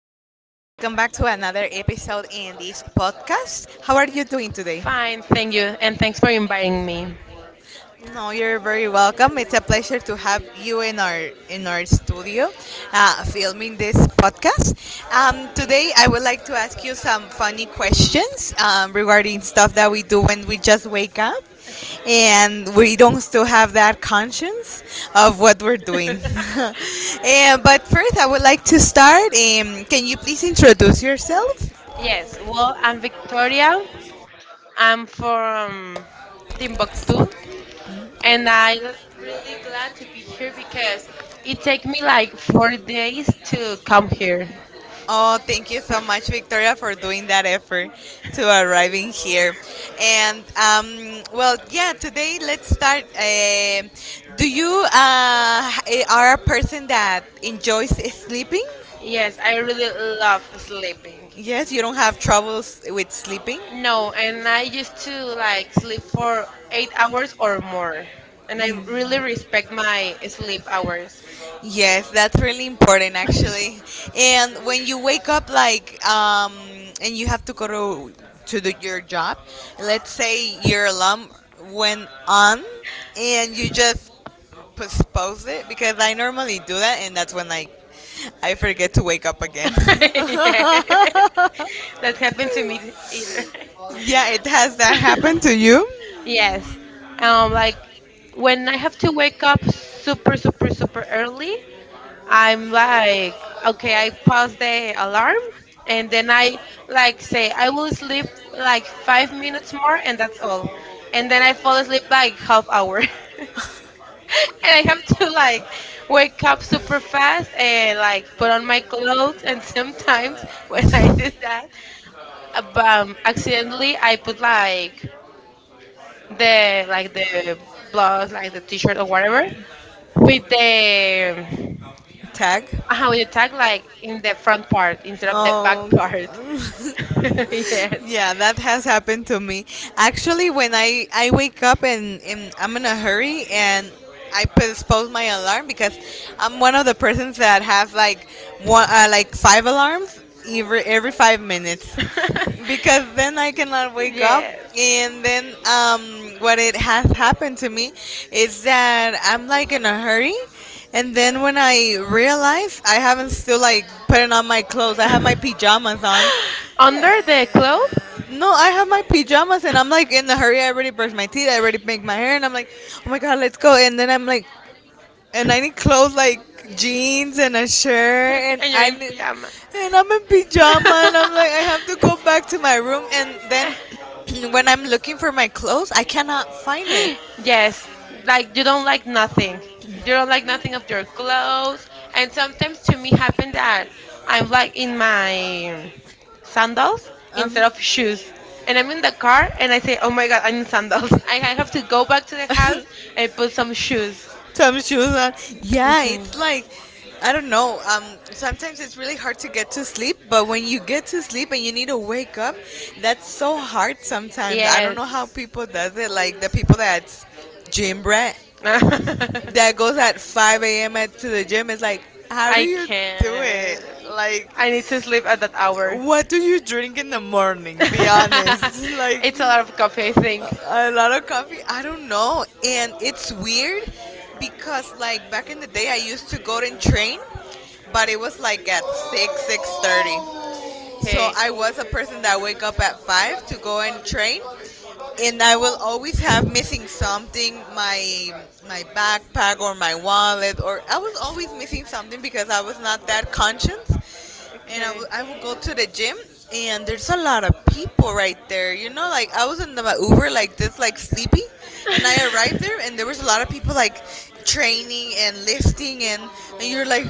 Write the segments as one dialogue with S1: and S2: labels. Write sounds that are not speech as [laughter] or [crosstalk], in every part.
S1: to another episode in this podcast. How are you doing today?
S2: Fine, thank you, and thanks for inviting me.
S1: No, you're very welcome. It's a pleasure to have you in our studio, filming this podcast. Today, I would like to ask you some funny questions regarding stuff that we do when we just wake up, and we don't still have that conscience of what we're doing.
S2: [laughs]
S1: [laughs] But first, I would like to start. Can you please introduce yourself?
S2: Yes, well, I'm Victoria. I'm from Timbuktu, and I'm really glad to be here because it took me like 4 days to come here.
S1: Oh, thank you so much, Victoria, for doing that effort to arriving here. And well, yeah, today let's start. Do you are a person that enjoys sleeping?
S2: Yes, I really love sleeping.
S1: Yes, you don't have troubles with sleeping.
S2: No, and I used to like sleep for 8 hours or more, and I really respect my sleep hours.
S1: Yes, that's really important actually. And when you wake up like and you have to go to do your job, let's say your alarm went on and you just postpone it because I normally do that and that's when like I forget to wake up again. [laughs]
S2: [laughs] Yeah, that happened to me either.
S1: Yeah, it has that happened to
S2: [laughs]
S1: you?
S2: Yes. Like when I have to wake up super, super, super early, I'm like, okay, I pause the alarm and then I like say, I will sleep like 5 minutes more and that's all. And then I fall asleep like half hour. [laughs] [laughs] And I have to like wake up super fast and like put on my clothes. And [laughs] sometimes when I do
S1: [laughs]
S2: that, accidentally I put like the blouse, like the t-shirt or whatever, with the um,
S1: Tag?
S2: how with the tag like in the front part instead of the back
S1: Oh,
S2: part.
S1: okay.
S2: [laughs] Yes.
S1: [laughs] Yeah, that has happened to me. Actually, when I wake up and I'm in a hurry and I postpone my alarm because I'm one of the persons that have like one like five alarms every five minutes because
S2: [laughs]
S1: then I cannot wake up.
S2: Yes.
S1: And then what it has happened to me is that I'm like in a hurry. And then when I realize I haven't still like putting on my clothes, I have my pajamas on.
S2: [laughs] Under the clothes.
S1: No, I have my pajamas and I'm like in a hurry. I already brushed my teeth. I already make my hair and I'm like, oh my God, let's go. And then I'm like, and I need clothes like jeans and a shirt,
S2: [laughs]
S1: and
S2: And you're
S1: I
S2: in
S1: need,
S2: pajama.
S1: and I'm in pajama, and I'm like, I have to go
S2: [laughs]
S1: back to my room, and then [clears throat] when I'm looking for my clothes, I cannot find it.
S2: [gasps] Yes, like you don't like nothing. You don't like nothing of your clothes. And sometimes to me happen that I'm like in my sandals
S1: Um,
S2: instead of shoes. And I'm in the car and I say, oh my God, I'm in sandals. [laughs] I have to go back to the house and put some shoes.
S1: [laughs] some shoes on. Yeah,
S2: hmm
S1: it's like I don't know. Sometimes it's really hard to get to sleep, but when you get to sleep and you need to wake up, that's so hard sometimes. I don't know how
S2: Yes.
S1: people does it. Like the people that's gym rat
S2: [laughs] I
S1: that goes at five a.m. At, to the gym. It's like, how do you do
S2: can.
S1: it? Like,
S2: I need to sleep at that hour.
S1: what do you drink in the
S2: [laughs]
S1: morning? Be honest. [laughs] Like
S2: It's a lot of coffee, I think.
S1: a lot of coffee. I don't know, and it's weird because like back in the day, I used to go and train, but it was like at six thirty. So
S2: Okay.
S1: I was a person that wake up at five to go and train, and I will always have missing something, my backpack or my wallet, or I was always missing something because I was not that conscious. And
S2: Okay.
S1: I would go to the gym, and there's a lot of people right there. You know, like I was in the Uber like this, like sleepy, and I arrived
S2: [laughs]
S1: there, and there was a lot of people like training and lifting, and you're like,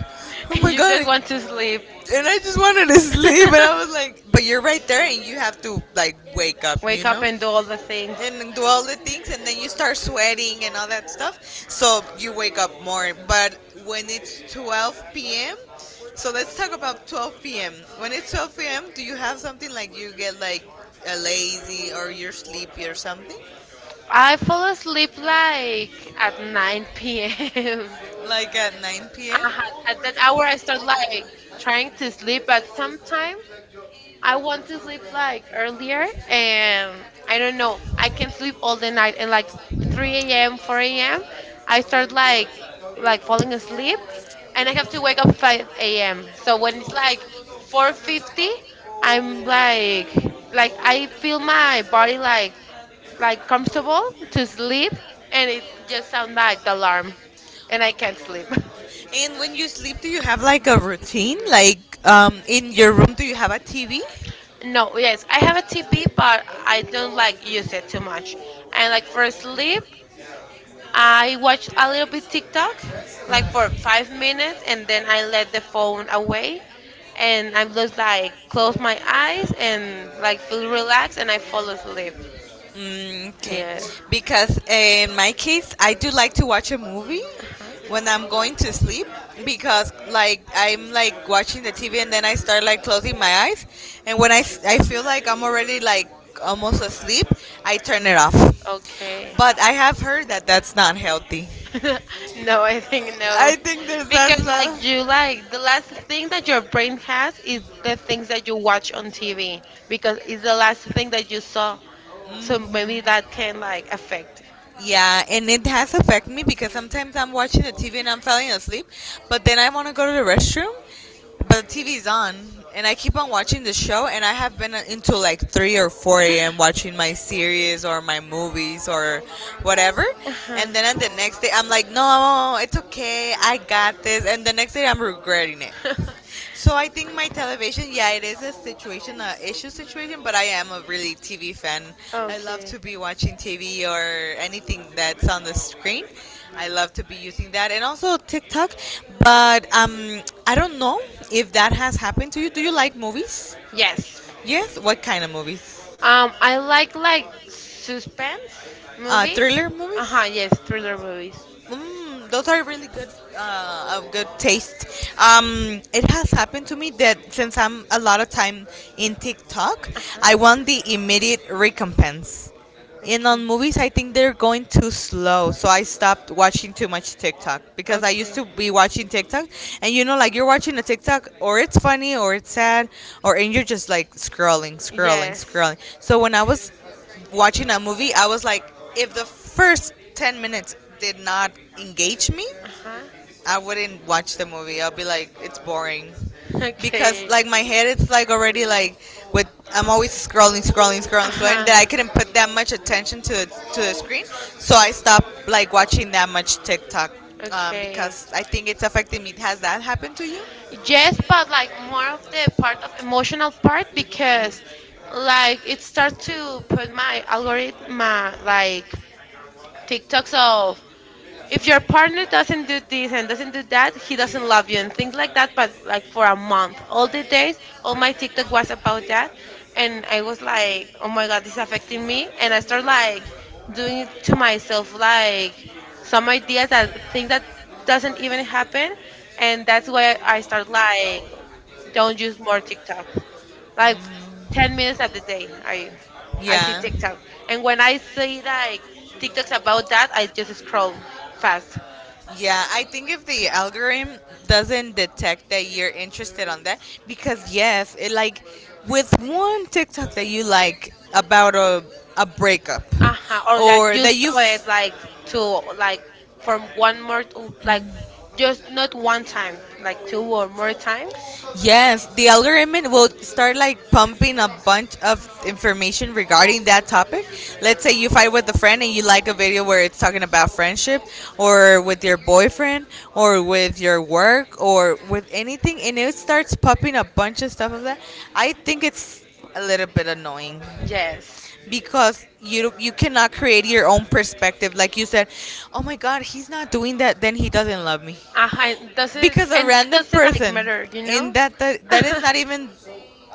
S1: oh
S2: And
S1: my
S2: you just
S1: god,
S2: want to sleep. [laughs]
S1: and I just wanted to sleep. And I was like, but you're right there, and you have to like wake up, you
S2: Wake up
S1: know,
S2: and do all the things.
S1: and do all the things, and then you start sweating and all that stuff. So you wake up more. But when it's 12 p.m., so let's talk about 12 p.m. When it's 12 p.m., do you have something like you get like a lazy or you're sleepy or something?
S2: I fall asleep like at 9 p.m.
S1: Like at 9 p.m.?
S2: uh [laughs] At that hour, I start like trying to sleep, but sometimes I want to sleep like earlier, and I don't know. I can sleep all the night, and like 3 a.m., 4 a.m., I start like falling asleep, and I have to wake up 5 a.m. So when it's like 4:50, I'm like I feel my body like comfortable to sleep, and it just sounds like the alarm, and I can't sleep. [laughs]
S1: And when you sleep, do you have like a routine? Like in your room, do you have a TV?
S2: No, yes, I have a TP, but I don't like use it too much. And like for sleep, I watch a little bit TikTok, like for 5 minutes, and then I let the phone away, and I'm just like close my eyes and like feel relaxed, and I fall asleep.
S1: Mm, okay,
S2: Yeah.
S1: because in my case, I do like to watch a movie
S2: Uh-huh.
S1: when I'm going to sleep because like I'm like watching the TV and then I start like closing my eyes, and when I feel like I'm already like almost asleep, I turn it off.
S2: Okay.
S1: But I have heard that that's not healthy.
S2: [laughs] No, I think no.
S1: I think there's
S2: Because
S1: that's not.
S2: like you like the last thing that your brain has is the things that you watch on TV because it's the last thing that you saw. So maybe that can like affect.
S1: Yeah, and it has affected me because sometimes I'm watching the TV and I'm falling asleep, but then I want to go to the restroom, but the TV's on, and I keep on watching the show, and I have been into like 3 or 4 a.m. watching my series or my movies or whatever, and then at
S2: Uh-huh.
S1: the next day I'm like, no, it's okay, I got this, and the next day I'm regretting it.
S2: [laughs]
S1: So I think my television, yeah, it is a situation, a issue situation, but I am a really TV fan. I love to
S2: Okay.
S1: be watching TV or anything that's on the screen. I love to be using that and also TikTok. But I don't know if that has happened to you. Do you like movies?
S2: Yes.
S1: Yes. What kind of movies?
S2: I like suspense movies.
S1: Thriller
S2: Uh
S1: movies?
S2: huh. Yes, thriller movies.
S1: Mm, those are really good, of good taste. It has happened to me that since I'm a lot of time in TikTok,
S2: Uh huh.
S1: I want the immediate recompense. And on movies, I think they're going too slow. So I stopped watching too much TikTok because I
S2: Okay.
S1: used to be watching TikTok. And you know, like you're watching a TikTok, or it's funny, or it's sad, or and you're just like scrolling, scrolling,
S2: Yes.
S1: scrolling. So when I was watching a movie, I was like, if the first 10 minutes did not engage me,
S2: Uh huh.
S1: I wouldn't watch the movie. I'll be like, it's boring. Because
S2: Okay.
S1: like my head it's like already like with I'm always scrolling, scrolling,
S2: Uh
S1: scrolling, scrolling
S2: huh.
S1: that I couldn't put that much attention to the screen. So I stopped like watching that much TikTok
S2: Okay.
S1: because I think it's affecting me. Has that happened to you?
S2: Yes, but like more of the part of emotional part because like it starts to put my algorithm my, like TikToks of if your partner doesn't do this and doesn't do that, he doesn't love you and things like that. But like for a month, all the days, all my TikTok was about that, and I was like, oh my god, this is affecting me, and I start like doing it to myself, like some ideas that things that doesn't even happen, and that's why I start like don't use more TikTok. Like 10 minutes at the day, I see
S1: Yeah.
S2: TikTok. And when I see like TikToks about that, I just scroll fast.
S1: Yeah, I think if the algorithm doesn't detect that you're interested on that, because yes, it like with one TikTok that you like about a breakup,
S2: Uh-huh. Or that
S1: or
S2: you
S1: that you.
S2: saw it like to like from one more to, like just not one time, like two or more times.
S1: Yes, the algorithm will start like pumping a bunch of information regarding that topic. Let's say you fight with a friend and you like a video where it's talking about friendship or with your boyfriend or with your work or with anything and it starts popping a bunch of stuff of that. I think it's a little bit annoying
S2: Yes.
S1: because you cannot create your own perspective like you said, "Oh my god, he's not doing that, then he doesn't love me."
S2: Uh-huh. It doesn't
S1: Because a
S2: and that
S1: random
S2: doesn't like
S1: person
S2: matter, you
S1: in
S2: know?
S1: that is
S2: [laughs]
S1: not even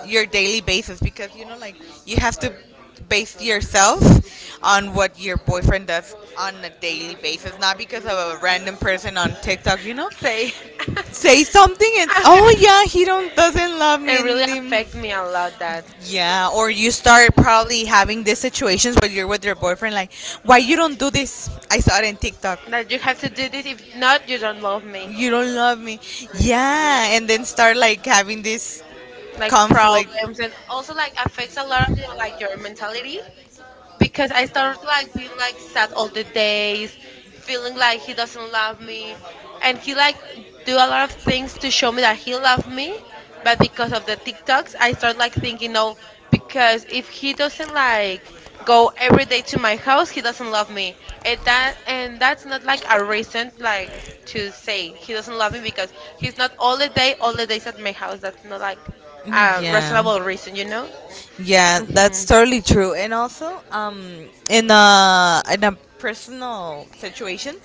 S1: your daily basis because you know like you have to base yourself on what your boyfriend does on a daily basis, not because of a random person on TikTok, you know,
S2: Say.
S1: say
S2: [laughs]
S1: something, and oh
S2: Okay.
S1: yeah, he don't doesn't love
S2: It
S1: me.
S2: really
S1: And um,
S2: affect me a lot that.
S1: yeah, or you start probably having these situations where you're with your boyfriend, like why you don't do this, I saw it in TikTok,
S2: That you have to do this if not you don't love me
S1: you don't love me. Yeah, and then start like having this
S2: like
S1: conflict.
S2: problems and also like affects a lot of you know, like your mentality because I started like being like sad all the days, feeling like he doesn't love me, and he like do a lot of things to show me that he loved me, but because of the TikToks, I start like thinking no, because if he doesn't like go every day to my house, he doesn't love me, and that's not like a reason like to say he doesn't love me because he's not all the days at my house. That's not like a
S1: Yeah.
S2: reasonable reason, you know.
S1: Yeah,
S2: hmm
S1: that's totally true. And also, in a personal situation,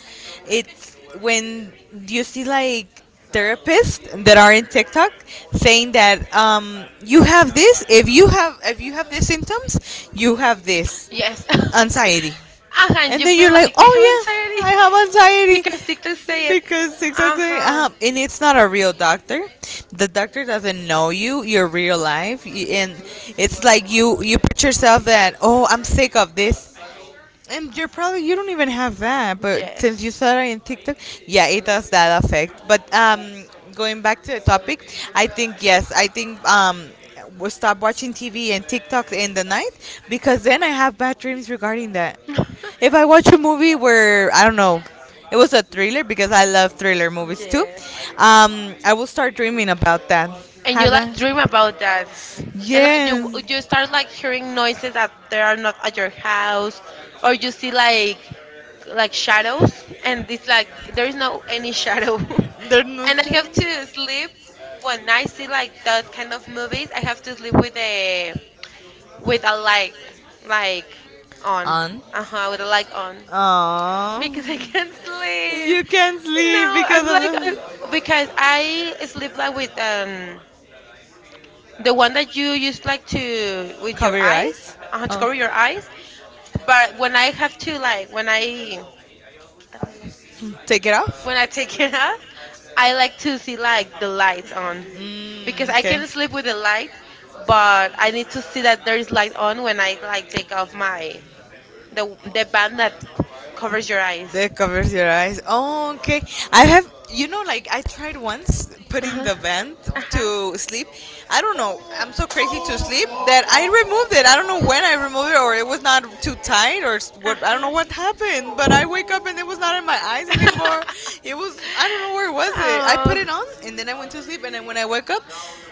S1: it's when you see like therapists that are in TikTok saying that you have this. If you have these symptoms, you have this
S2: Yes. [laughs]
S1: anxiety
S2: Uh-huh. And
S1: and
S2: you
S1: then
S2: feel
S1: you're like,
S2: like I
S1: oh
S2: haven't said
S1: yeah,
S2: it.
S1: I have
S2: [laughs] Because TikTok
S1: anxiety
S2: say it.
S1: because exactly,
S2: Uh-huh.
S1: and it's not a real doctor. The doctor doesn't know you, your real life, and it's like you put yourself that, oh, I'm sick of this, and you're probably, you don't even have that, but since
S2: Yes.
S1: you saw it in TikTok, yeah, it does that affect. But going back to the topic, I think yes, I think we stop watching TV and TikTok in the night because then I have bad dreams regarding that. If I
S2: [laughs]
S1: watch a movie where I don't know, it was a thriller because I love thriller movies too,
S2: Yes.
S1: I will start dreaming about that.
S2: And you
S1: Have
S2: like
S1: that?
S2: dream about that. And like you
S1: Yes,
S2: start like hearing noises that they are not at your house or you see like shadows and it's like there's no any shadow. [laughs]
S1: they're
S2: And I have to sleep when I
S1: not.
S2: see like that kind of movies, I have to sleep with a light like on.
S1: And
S2: Uh-huh, with a light on
S1: um,
S2: because I can't
S1: you
S2: sleep.
S1: can sleep
S2: No, I'm
S1: because
S2: like,
S1: of
S2: because I sleep like with the one that you used like to
S1: the
S2: with your
S1: cover your
S2: eyes,
S1: eyes.
S2: to
S1: Oh,
S2: cover your eyes, but when I have to like when I
S1: take it off.
S2: when I take it [laughs] off, I like to see like the lights on because
S1: Mm,
S2: I
S1: okay.
S2: can sleep with the light, but I need to see that there is light on when I like take off my the band that
S1: That
S2: covers
S1: covers
S2: your eyes.
S1: your eyes. Oh, okay. I have, you know, like I tried once
S2: Uh
S1: putting
S2: huh.
S1: the vent
S2: Uh huh.
S1: to sleep. I don't know. I'm so crazy to sleep that I removed it. I don't know when I removed it, or it was not too tight, or
S2: Uh
S1: what. I don't
S2: huh.
S1: know what happened. But I wake up and it was not in my eyes anymore.
S2: [laughs]
S1: It was. I don't know where was it. I put
S2: Oh,
S1: it on and then I went to sleep. And then when I woke up,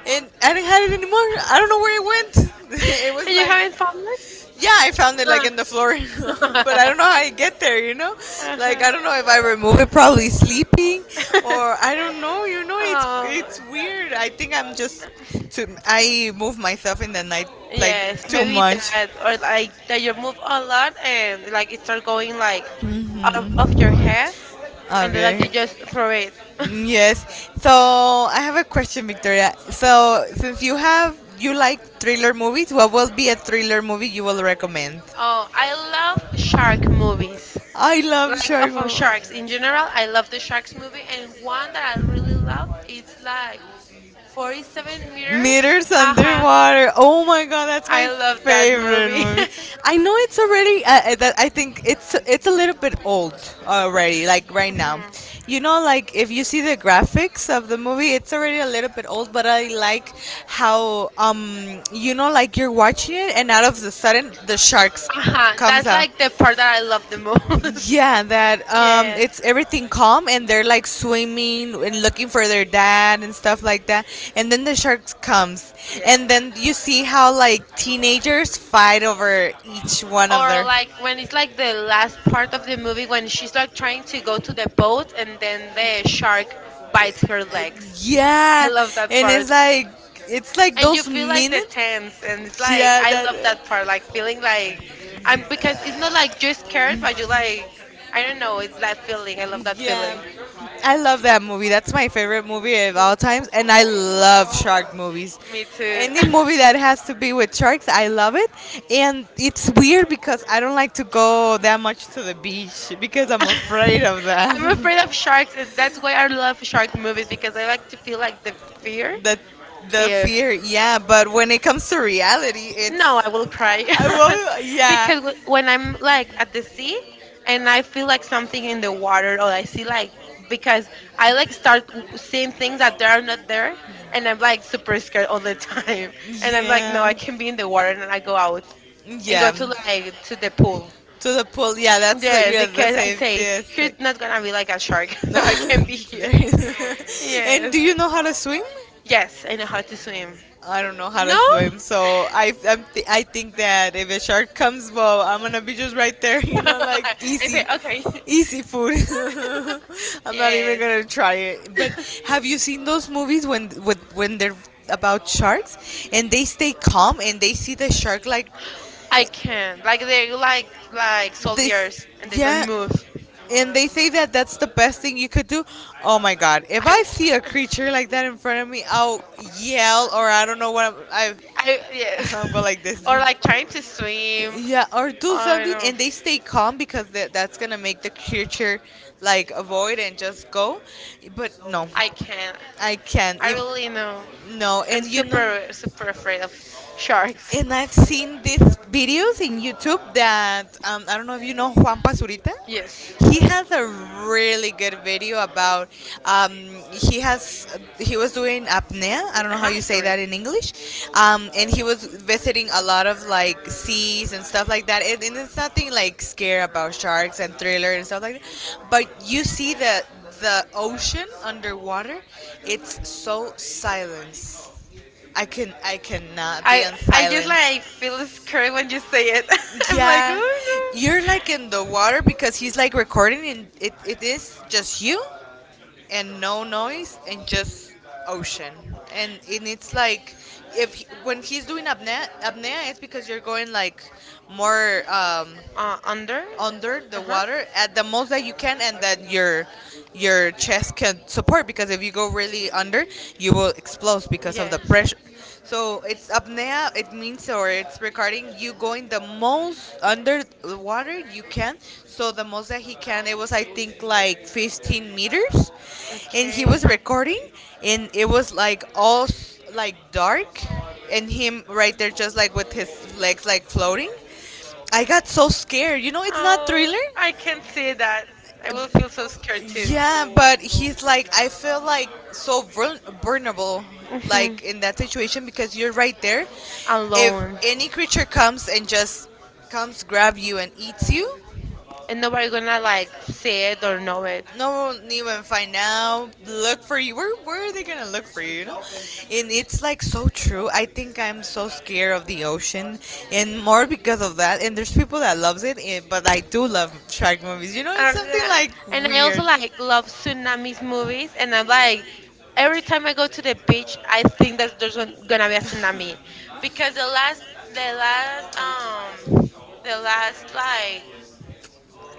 S1: and I didn't have it anymore. I don't know where it went. [laughs] It was
S2: and you
S1: like
S2: haven't found it?
S1: yeah, I found it like
S2: Uh
S1: in the floor, [laughs] but I don't know how I get there.
S2: huh.
S1: I don't know if I remove it, probably sleeping, or I
S2: [laughs]
S1: don't know. You know, it's
S2: Oh,
S1: it's weird. I think I'm just too, I move myself in the night like
S2: yes.
S1: too
S2: Maybe
S1: much.
S2: that, or like that you move a lot and like it start going like out of your
S1: Mm-hmm.
S2: head, and then like you
S1: Javier.
S2: just throw it. [laughs]
S1: Yes. So I have a question, Victoria. So since you have you like thriller movies, what will be a thriller movie you will recommend?
S2: Oh, I love shark movies.
S1: I love
S2: Like
S1: Shark
S2: for
S1: Mama.
S2: sharks in general, I love the sharks movie, and one that I really love is like 47 meters.
S1: Meters
S2: Uh huh.
S1: underwater. Oh my god, that's my
S2: I love that
S1: favorite
S2: movie.
S1: movie. I
S2: [laughs]
S1: know it's already. That I think it's a little bit old already. Like right now,
S2: Mhm.
S1: you know, like if you see the graphics of the movie, it's already a little bit old. But I like how you know, like you're watching it, and out of the sudden the sharks
S2: Uh-huh.
S1: comes
S2: That's
S1: out.
S2: like the part that I love the most.
S1: Yeah, that
S2: [laughs] Yes.
S1: it's everything calm, and they're like swimming and looking for their dad and stuff like that. And then the shark comes,
S2: Yeah.
S1: and then you see how like teenagers fight over each one of
S2: Or
S1: their.
S2: like when it's like the last part of the movie when she's like trying to go to the boat and then the shark bites her legs. I
S1: Yeah,
S2: love that
S1: and
S2: part.
S1: it's like
S2: And you
S1: those
S2: feel like the
S1: minutes.
S2: tense and it's like
S1: Yeah,
S2: I love
S1: that.
S2: that part like feeling like I'm because it's not like you're scared but you like I don't know it's that feeling I love that
S1: Yeah,
S2: feeling.
S1: I love that movie. That's my favorite movie of all times, and I love shark movies.
S2: Me too.
S1: Any
S2: [laughs]
S1: movie that has to be with sharks, I love it. And it's weird because I don't like to go that much to the beach because I'm afraid of
S2: I'm
S1: them. [laughs]
S2: afraid of sharks and that's why I love shark movies because I like to feel like the fear.
S1: the the
S2: Yeah.
S1: fear, yeah. But when it comes to reality, it's
S2: No, I will cry.
S1: I will.
S2: [laughs]
S1: Yeah.
S2: Because when I'm like at the sea and I feel like something in the water or I see like because I like start seeing things that they are not there and I'm like super scared all the time [laughs] and I'm like no I
S1: Yeah.
S2: can be in the water and I go out and go
S1: Yeah.
S2: to like to the pool.
S1: To the pool. Yeah, that's the,
S2: Yes,
S1: yeah, the
S2: because I
S1: same.
S2: say
S1: Yes.
S2: here's not gonna be like a shark. [laughs]
S1: [laughs]
S2: So I can be here.
S1: There- is- [laughs] and
S2: Yes.
S1: do you know how to swim?
S2: Yes, I know how to swim.
S1: I don't know how to
S2: No?
S1: swim, so
S2: [laughs]
S1: I I think that if a shark comes, well, I'm gonna be just right there, [laughs] like [laughs]
S2: I say
S1: easy,
S2: okay.
S1: easy food. [laughs]
S2: [laughs]
S1: I'm not even
S2: Yes.
S1: gonna try it. But have you seen those movies when with when they're about sharks and they stay calm and they see the shark like
S2: I can. Like they like
S1: this?
S2: soldiers and they
S1: Yeah,
S2: don't move.
S1: and they say that that's the best thing you could do. Oh my God! If I
S2: I,
S1: see a creature like that in front of me, I'll yell or I don't know what I'm. I,
S2: I
S1: [laughs]
S2: yes.
S1: I'll go like
S2: [laughs]
S1: this.
S2: Or like trying to swim.
S1: Yeah, or do
S2: Oh
S1: something,
S2: no.
S1: and they stay calm because that's gonna make the creature like avoid and just go. But no,
S2: I can. Not
S1: I can't.
S2: I
S1: If,
S2: really know.
S1: no,
S2: I'm
S1: and you know,
S2: super super afraid of sharks. [laughs]
S1: and I've seen these videos in YouTube that I don't know if you know Juan Pazurita.
S2: Yes.
S1: He has a really good video about um, he has he was doing apnea. I don't know how you
S2: Uh-huh,
S1: say
S2: sorry.
S1: that in English, and he was visiting a lot of like seas and stuff like that. And it's nothing like scare about sharks and thriller and stuff like that, but you see the ocean underwater. It's so silence I cannot be
S2: I
S1: in
S2: I just
S1: silence.
S2: like feel scared when you say it. [laughs] I'm like,
S1: Yeah,
S2: oh
S1: you're like in the
S2: no.
S1: water because he's like recording and it is just you and no noise and just ocean. And it's like if when he's doing apnea, apnea it's because you're going like more
S2: Under?
S1: under the
S2: Uh-huh.
S1: water at the most that you can and that your chest can support because if you go really under you will explode because of the
S2: Yes.
S1: pressure. So it's apnea. It means or it's regarding you going the most under the water you can. So the most that he can, it was I think like 15 meters, and he was
S2: Okay.
S1: recording, and it was like all like dark and him right there just like with his legs like floating. I got so scared. You know, it's not
S2: Oh,
S1: thriller.
S2: I can see that. I will feel so scared too.
S1: Yeah, but he's like, I feel like so vulnerable,
S2: hmm
S1: like in that situation because you're right there. If
S2: Alone.
S1: any creature comes and just comes grab you and eats you,
S2: And nobody gonna like see it or know it.
S1: no one even find out. Look for you. Where are they gonna look for you? You know, and it's like so true. I think I'm so scared of the ocean, and more because of that. And there's people that loves it, eh, but I do love shark movies. You know, it's something
S2: Uh,
S1: like
S2: and I
S1: weird.
S2: also like love tsunamis movies and I'm like every time I go to the beach I think that there's gonna be a tsunami. Because the last like
S1: [laughs]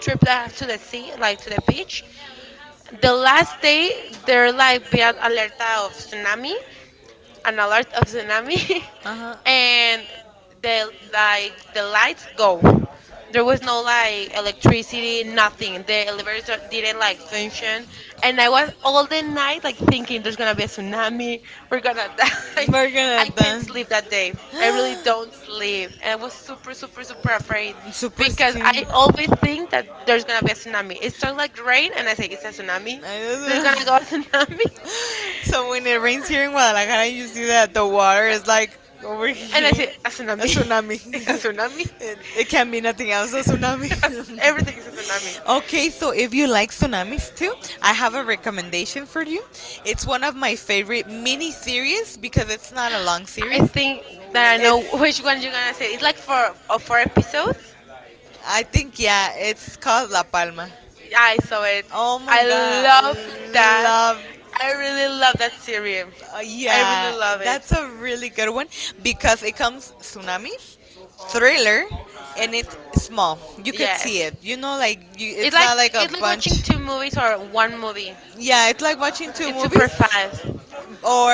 S2: trip that I have to the sea, like to the beach, the last day they're like be an alerta of tsunami, an alert of tsunami.
S1: Uh huh.
S2: [laughs] And the like the lights go, there was no like electricity, nothing, the elevators do didn't like function, and I was all the night like thinking there's gonna be a tsunami, we're gonna [laughs] die.
S1: [laughs]
S2: I can't
S1: not
S2: sleep that day. I really don't
S1: [gasps]
S2: sleep and I was super super super afraid
S1: Super
S2: because
S1: because
S2: I always think that there's gonna be a tsunami, it starts like rain and I say it's a tsunami,
S1: I
S2: there's gonna go a
S1: oh
S2: tsunami.
S1: my [laughs] [laughs] so when it rains here in Guadalajara, you see that
S2: [laughs]
S1: the water is like over
S2: And I
S1: here.
S2: say, a
S1: A
S2: tsunami. [laughs]
S1: tsunami.
S2: It's a tsunami.
S1: [laughs] It can be nothing else, a tsunami.
S2: [laughs] Everything is a tsunami.
S1: [laughs] okay, so if you like tsunamis too, I have a recommendation for you. It's one of my favorite mini series because it's not a long
S2: I
S1: series.
S2: think that I know
S1: It's
S2: which one you're gonna say. It's like for four episodes.
S1: I think yeah, it's called La Palma.
S2: Yeah, I saw it.
S1: Oh my
S2: I love
S1: god,
S2: that.
S1: love.
S2: I really love that series. I really
S1: Yeah,
S2: love it.
S1: that's a really good one because it comes tsunamis, thriller, and it's small. You could see
S2: Yes.
S1: it. You know, like you,
S2: It's
S1: it's
S2: like
S1: not like a
S2: it's like
S1: bunch.
S2: watching two movies or one movie.
S1: Yeah, it's like watching two
S2: It's super
S1: movies,
S2: fast.
S1: or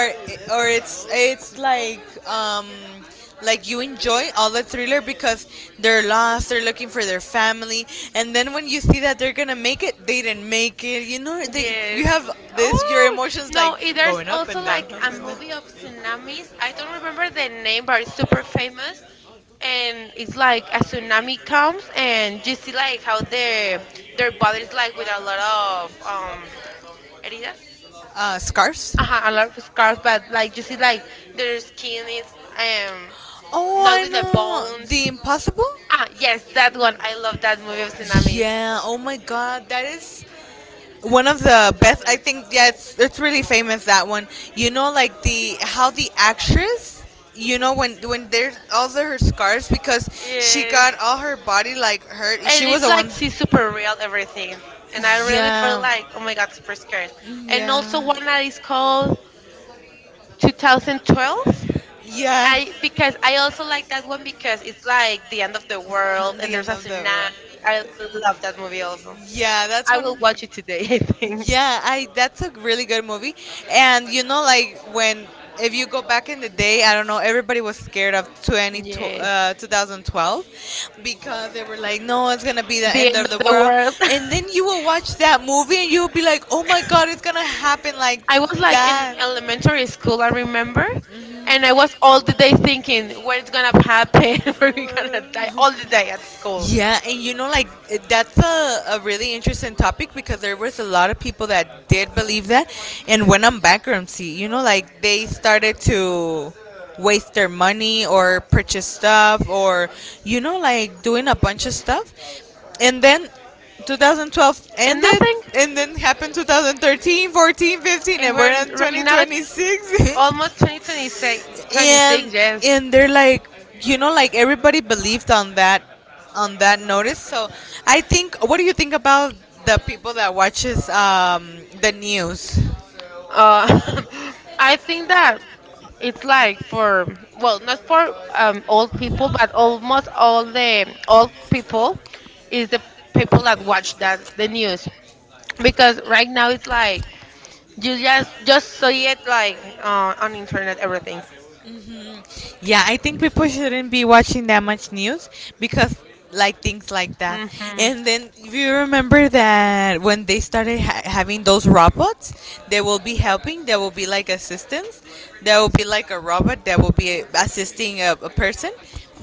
S1: or it's um like you enjoy all the thriller because they're lost, they're looking for their family, and then when you see that they're gonna make it, they didn't make it, you know, they you
S2: Yes.
S1: have this your
S2: Oh,
S1: emotions like
S2: no, eh, there's
S1: going up
S2: also
S1: and down,
S2: like
S1: up
S2: a
S1: and down.
S2: movie of tsunamis. I don't remember the name, but it's super famous. And it's like a tsunami comes, and you see like how their bodies like with a lot of heridas.
S1: Uh, scarves.
S2: Uh huh, a lot of scars, but like you see like their skin is um
S1: Oh,
S2: not
S1: I
S2: with the
S1: know.
S2: bones.
S1: The Impossible?
S2: Ah, yes, that one. I love that movie of tsunamis.
S1: Yeah. Oh my god, that is one of the best. I think yeah, it's really famous that one. You know like the how the actress, you know when there's all the, her scars because she
S2: Yes.
S1: got all her body like hurt.
S2: And
S1: She was
S2: it
S1: the
S2: like
S1: one.
S2: she's super real everything, and I really feel
S1: Yeah.
S2: like, oh my god, super scared. And also one that is called 2012.
S1: Yeah. Yeah.
S2: I, because I also like that one because it's like the end of the world
S1: On
S2: and
S1: the
S2: there's
S1: end
S2: a
S1: of the
S2: tsunami.
S1: world.
S2: I love that movie also.
S1: Yeah, that's
S2: I
S1: one.
S2: will watch it today, [laughs] I think.
S1: Yeah, I that's a really good movie. And you know, like when if you go back in the day, I don't know, everybody was scared of 20,
S2: Yeah,
S1: 2012 because they were like, no, it's gonna be the
S2: the
S1: end
S2: end
S1: of the
S2: of the
S1: world.
S2: world.
S1: And then you
S2: [laughs]
S1: will watch that movie and you'll be like, oh my god, it's gonna happen like
S2: I was like in
S1: that.
S2: elementary school, I remember, and I was all the day thinking, when it's gonna happen, [laughs] when we gonna die, all the day at school.
S1: Yeah, and you know, like that's a really interesting topic because there was a lot of people that did believe that and went on bankruptcy. You know, like they started to waste their money or purchase stuff or, you know, like doing a bunch of stuff. And then 2012
S2: And
S1: ended
S2: nothing.
S1: and then happened 2013, 14, 15,
S2: And
S1: and we're
S2: we're
S1: in
S2: right now
S1: 2026. [laughs]
S2: almost 2026, 26,
S1: and
S2: twenty-six, yes.
S1: and they're like, you know, like everybody believed on that, on that notice. So I think, what do you think about the people that watches the news?
S2: Uh, [laughs] I think that it's like for, well, not for old people, but almost all the old people is the people that watch that the news, because right now it's like you just see it like on internet, everything.
S1: Mm, yeah, I think people shouldn't be watching that much news because like things like that.
S2: Hmm.
S1: And then if you remember that when they started having those robots, they will be helping. There will be like assistants. There will be like a robot that will be assisting a person.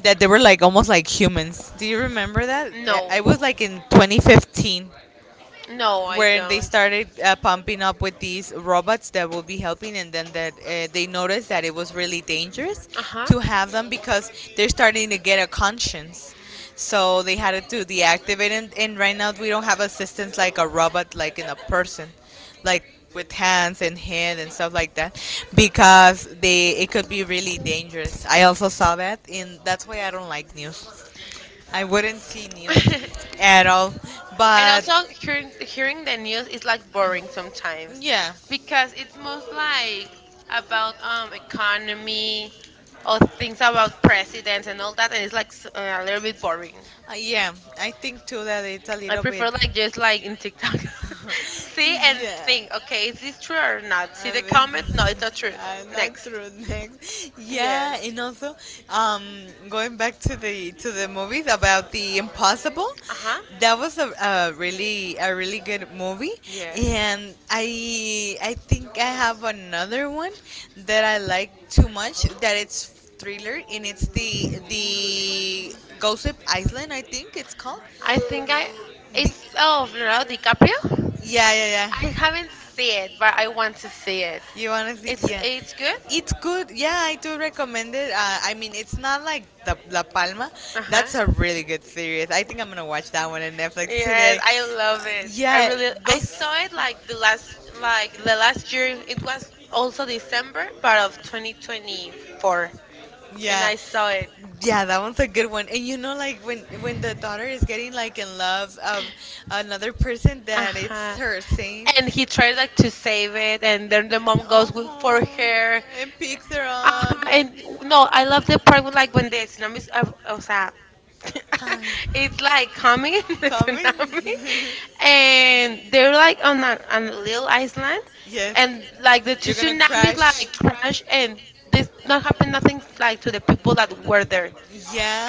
S1: That they were like almost like humans. Do you remember that?
S2: No,
S1: I was like in 2015
S2: no, I
S1: where they
S2: don't.
S1: started pumping up with these robots that will be helping and then that they noticed that it was really dangerous
S2: Uh
S1: to have them because they're starting to get a conscience, so they had to deactivate. And right now we don't have assistants like a robot like in a person, like with hands and head and stuff like that, because they it could be really dangerous. I also saw that, and that's why I don't like news. I wouldn't see news
S2: huh. [laughs]
S1: at all.
S2: And
S1: But
S2: also, hearing the news is like boring sometimes,
S1: yeah,
S2: because it's most like about economy or things about presidents and all that, and it's like a little bit boring.
S1: yeah. I think too that it's a
S2: I
S1: little bit.
S2: prefer like just like in TikTok, [laughs] see and
S1: Yeah.
S2: think. Okay, is this true or not? See
S1: I
S2: the
S1: mean,
S2: comments. No, it's not true.
S1: not
S2: Next.
S1: true, next. Yeah,
S2: Yes.
S1: and also, um, going back to the movies about the Impossible,
S2: Uh huh.
S1: that was a really good movie,
S2: Yes.
S1: and I think I have another one that I like too much, that it's thriller, and it's the Gossip Island I think it's called.
S2: I think I. It's, oh, Leonardo DiCaprio.
S1: Yeah, yeah, yeah.
S2: I haven't seen it, but I want to see it.
S1: You wanna see? Yeah.
S2: It's good.
S1: It's good. Yeah, I do recommend it. I mean, it's not like the La Palma.
S2: Uh huh.
S1: That's a really good series. I think I'm gonna watch that one on Netflix
S2: Yes,
S1: today.
S2: I love it. I
S1: Yeah,
S2: really I
S1: those.
S2: saw it like the last, like the last year. It was also December, but of 2024, and
S1: Yeah.
S2: I saw it.
S1: Yeah, that one's a good one. And you know, like when the daughter is getting like in love of another person,
S2: Uh
S1: that it's
S2: huh.
S1: her saying,
S2: And he tried like to save it, and then the mom goes with, for
S1: "Oh,"
S2: her.
S1: and picks her up. And-
S2: And no, I love the part with like when the tsunamis, o sea, [laughs]
S1: Ah,
S2: it's like coming [laughs] in the
S1: coming.
S2: tsunami, and they're like on
S1: [laughs]
S2: a little island,
S1: yes,
S2: and like the two
S1: you're gonna
S2: tsunamis
S1: crash.
S2: like crash, and this not happened nothing like to the people that were there.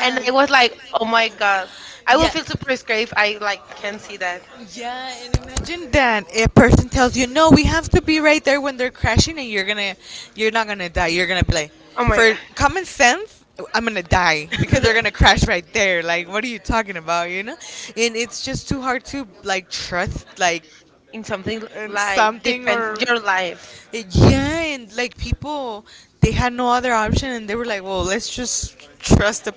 S2: And I was like, oh my god, I will
S1: Yeah.
S2: feel super scared if I like can see that.
S1: Yeah, and imagine that a person tells you, "No, we have to be right there when they're crashing, and you're gonna, you're not gonna die. You're gonna be like,
S2: Oh my
S1: for common sense, I'm gonna die because they're
S2: god.
S1: gonna
S2: [laughs]
S1: crash right there. Like, what are you talking about? You know? And it's just too hard to like trust like
S2: In something
S1: and
S2: like
S1: something
S2: depends
S1: or
S2: your life.
S1: Yeah and like people, they had no other option and they were like, well, let's just trust the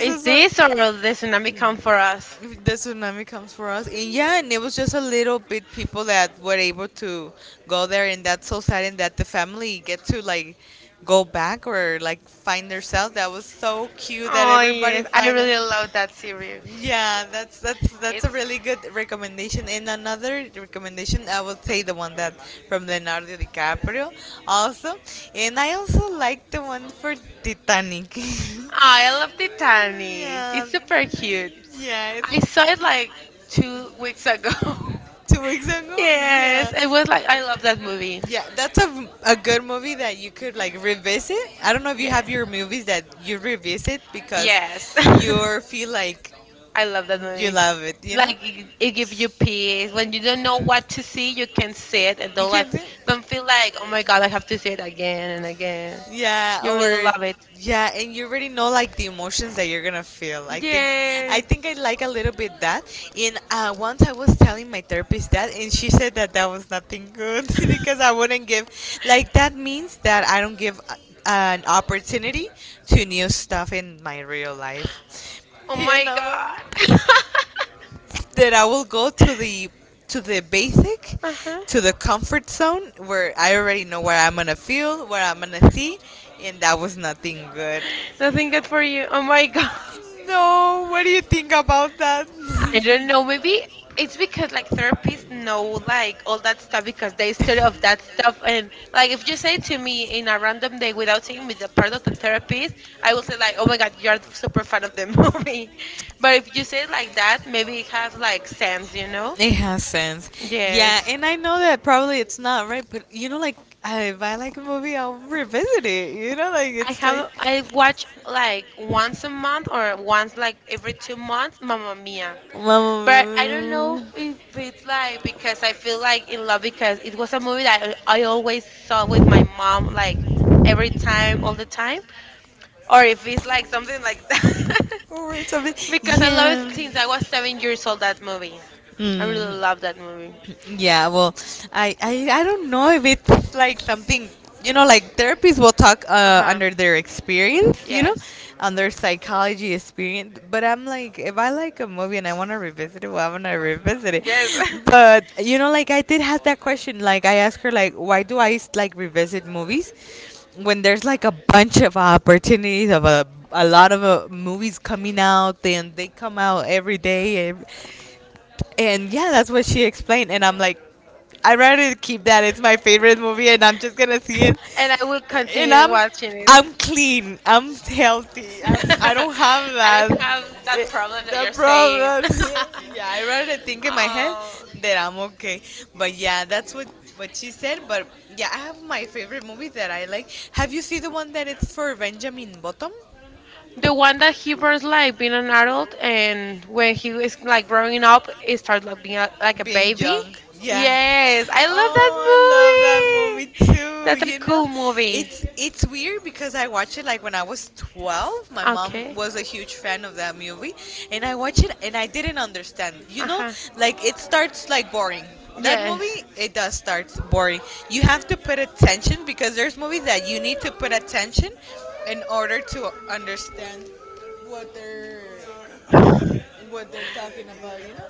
S2: Is
S1: or if
S2: this or will the
S1: the
S2: tsunami come for us?
S1: tsunami comes for us. And yeah, and it was just a little bit people that were able to go there, and that's so sad. And that the family get to like go back or like find themselves, that was so cute that
S2: Oh
S1: everybody
S2: yes, I
S1: find it.
S2: really love that series.
S1: Yeah, that's a
S2: It's
S1: really good recommendation. And another recommendation, I would say the one that from Leonardo DiCaprio, also. And I also like the one for Titanic. [laughs]
S2: I love Titanic.
S1: Yeah,
S2: It's super cute.
S1: yeah.
S2: I
S1: It's
S2: saw it like 2 weeks ago.
S1: 2 weeks
S2: [laughs]
S1: ago. Yeah.
S2: Yes, it was like I love that movie.
S1: Yeah, that's a good movie that you could like revisit. I don't know if you have your
S2: Yeah.
S1: movies that you revisit because
S2: Yes. [laughs]
S1: you feel like
S2: I love that
S1: you
S2: movie.
S1: love it.
S2: Like it gives you peace. When you don't know what to see, you can see it and
S1: You
S2: don't like
S1: can do,
S2: don't feel like, oh my god, I have to see it again and again.
S1: yeah,
S2: You really
S1: or
S2: love it.
S1: yeah. And you already know like the emotions that you're gonna feel. i think i
S2: Yay!
S1: think I like a little bit that. And once I was telling my therapist that, and she said that that was nothing good [laughs] because I wouldn't give, like, that means that I don't give an opportunity to new stuff in my real life,
S2: Oh
S1: you
S2: my
S1: know,
S2: god! [laughs]
S1: that I will go to the basic,
S2: Uh-huh.
S1: to the comfort zone where I already know what I'm gonna feel, what I'm gonna see, and that was nothing good.
S2: Nothing good for you. Oh my god.
S1: No, what do you think about that?
S2: [laughs] I don't know. Maybe it's because like therapists know like all that stuff because they study of that stuff, and like if you say to me in a random day without saying me the part of the therapist, I will say like, oh my god, you're super fan of the [laughs] movie. But
S1: [laughs]
S2: if you say it like that, maybe it has like sense, you know?
S1: It has sense. Yeah,
S2: Yes.
S1: and I know that probably it's not right, but you know, like, if I like a movie, I'll revisit it. You know, like,
S2: I
S1: it's like.
S2: have I watch like once a month or once like every 2 months Mamma Mia. But I don't
S1: Mamma.
S2: know if it's like because I feel like in love, because it was a movie that I always saw with my mom like every time all the time, or if it's like something like that.
S1: Or it's something,
S2: [laughs]
S1: because
S2: Because I love it
S1: yeah,
S2: since I
S1: she.
S2: was 7 years old, that movie. I
S1: Mm.
S2: really love that movie.
S1: Yeah, well, I don't know if it's like something, you know, like therapists will talk
S2: Uh-huh.
S1: under their experience, you know,
S2: Yes.
S1: on their psychology experience. But I'm like, if I like a movie and I want to revisit it, well, I'm going to revisit
S2: Yes.
S1: it.
S2: [laughs]
S1: But, you know, like I did have that question. Like I asked her, like, why do I like revisit movies when there's like a bunch of opportunities of a lot of movies coming out, and they come out every day. And yeah, that's what she explained. And I'm like, I'd rather keep that. It's my favorite movie, and I'm just gonna see it.
S2: And I will
S1: And
S2: continue watching it.
S1: I'm clean. I'm healthy.
S2: [laughs]
S1: I'm. I don't have
S2: I
S1: that.
S2: don't have that
S1: eh,
S2: problem that
S1: The
S2: you're saying.
S1: problem. [laughs] Yeah,
S2: [laughs]
S1: I rather think in my head
S2: Oh.
S1: that I'm okay. But yeah, that's what she said. But yeah, I have my favorite movie that I like. Have you seen the one that it's for Benjamin Bottom?
S2: The one that he burns like being an adult, and when he is like growing up, it starts like being a, like a
S1: Being
S2: baby.
S1: young. Yeah.
S2: Yes, I love that
S1: Oh, I love that movie
S2: movie.
S1: too.
S2: That's a
S1: You know,
S2: cool movie.
S1: it's weird because I watched it like when I was 12. My mom
S2: Okay.
S1: was a huge fan of that movie, and I watched it and I didn't understand. You
S2: Uh
S1: know,
S2: huh.
S1: like it starts like boring. That
S2: Yes.
S1: movie, it does start boring. You have to put attention because there's movies that you need to put attention in order to understand what they're what they're talking about, you know?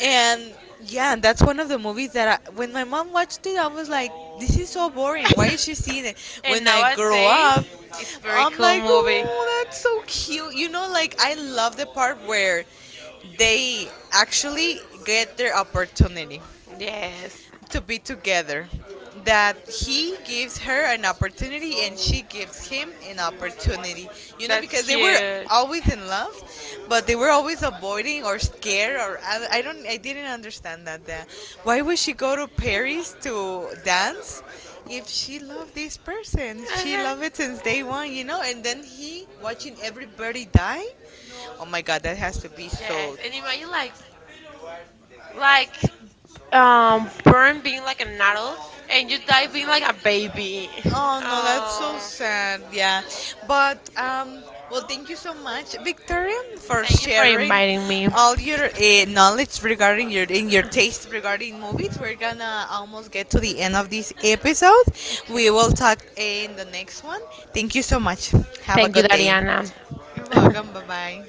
S1: And yeah, and that's one of the movies that when my mom watched it, I was like, this is so boring. Why is she seeing it?
S2: [laughs] And
S1: When I grow
S2: nowadays,
S1: up,
S2: it's very
S1: I'm
S2: cool
S1: like,
S2: movie.
S1: oh, that's so cute. You know, like I love the part where they actually get their opportunity
S2: Yes.
S1: to be together. That he gives her an opportunity and she gives him an opportunity. You know,
S2: That's
S1: because they
S2: cute.
S1: were
S2: Uh-huh.
S1: always in love, but they were always avoiding or scared, or I don't I didn't understand that, why would she go to Paris to dance if she loved this person? She loved it since day one, you know. And then he watching everybody die. Oh my God, that has to be so.
S2: Yes, and imagine like born being like an adult, and you die being like a baby.
S1: Oh no, that's so sad. Yeah, but well, thank you so much, Victoria, for
S2: Thank you for
S1: sharing
S2: inviting me.
S1: all your knowledge regarding your in your taste regarding movies. We're gonna almost get to the end of this episode. We
S2: Okay.
S1: will talk in the next one. Thank you so much. Have a
S2: Thank you,
S1: good day.
S2: Dariana.
S1: You're welcome. Bye
S2: [laughs]
S1: bye.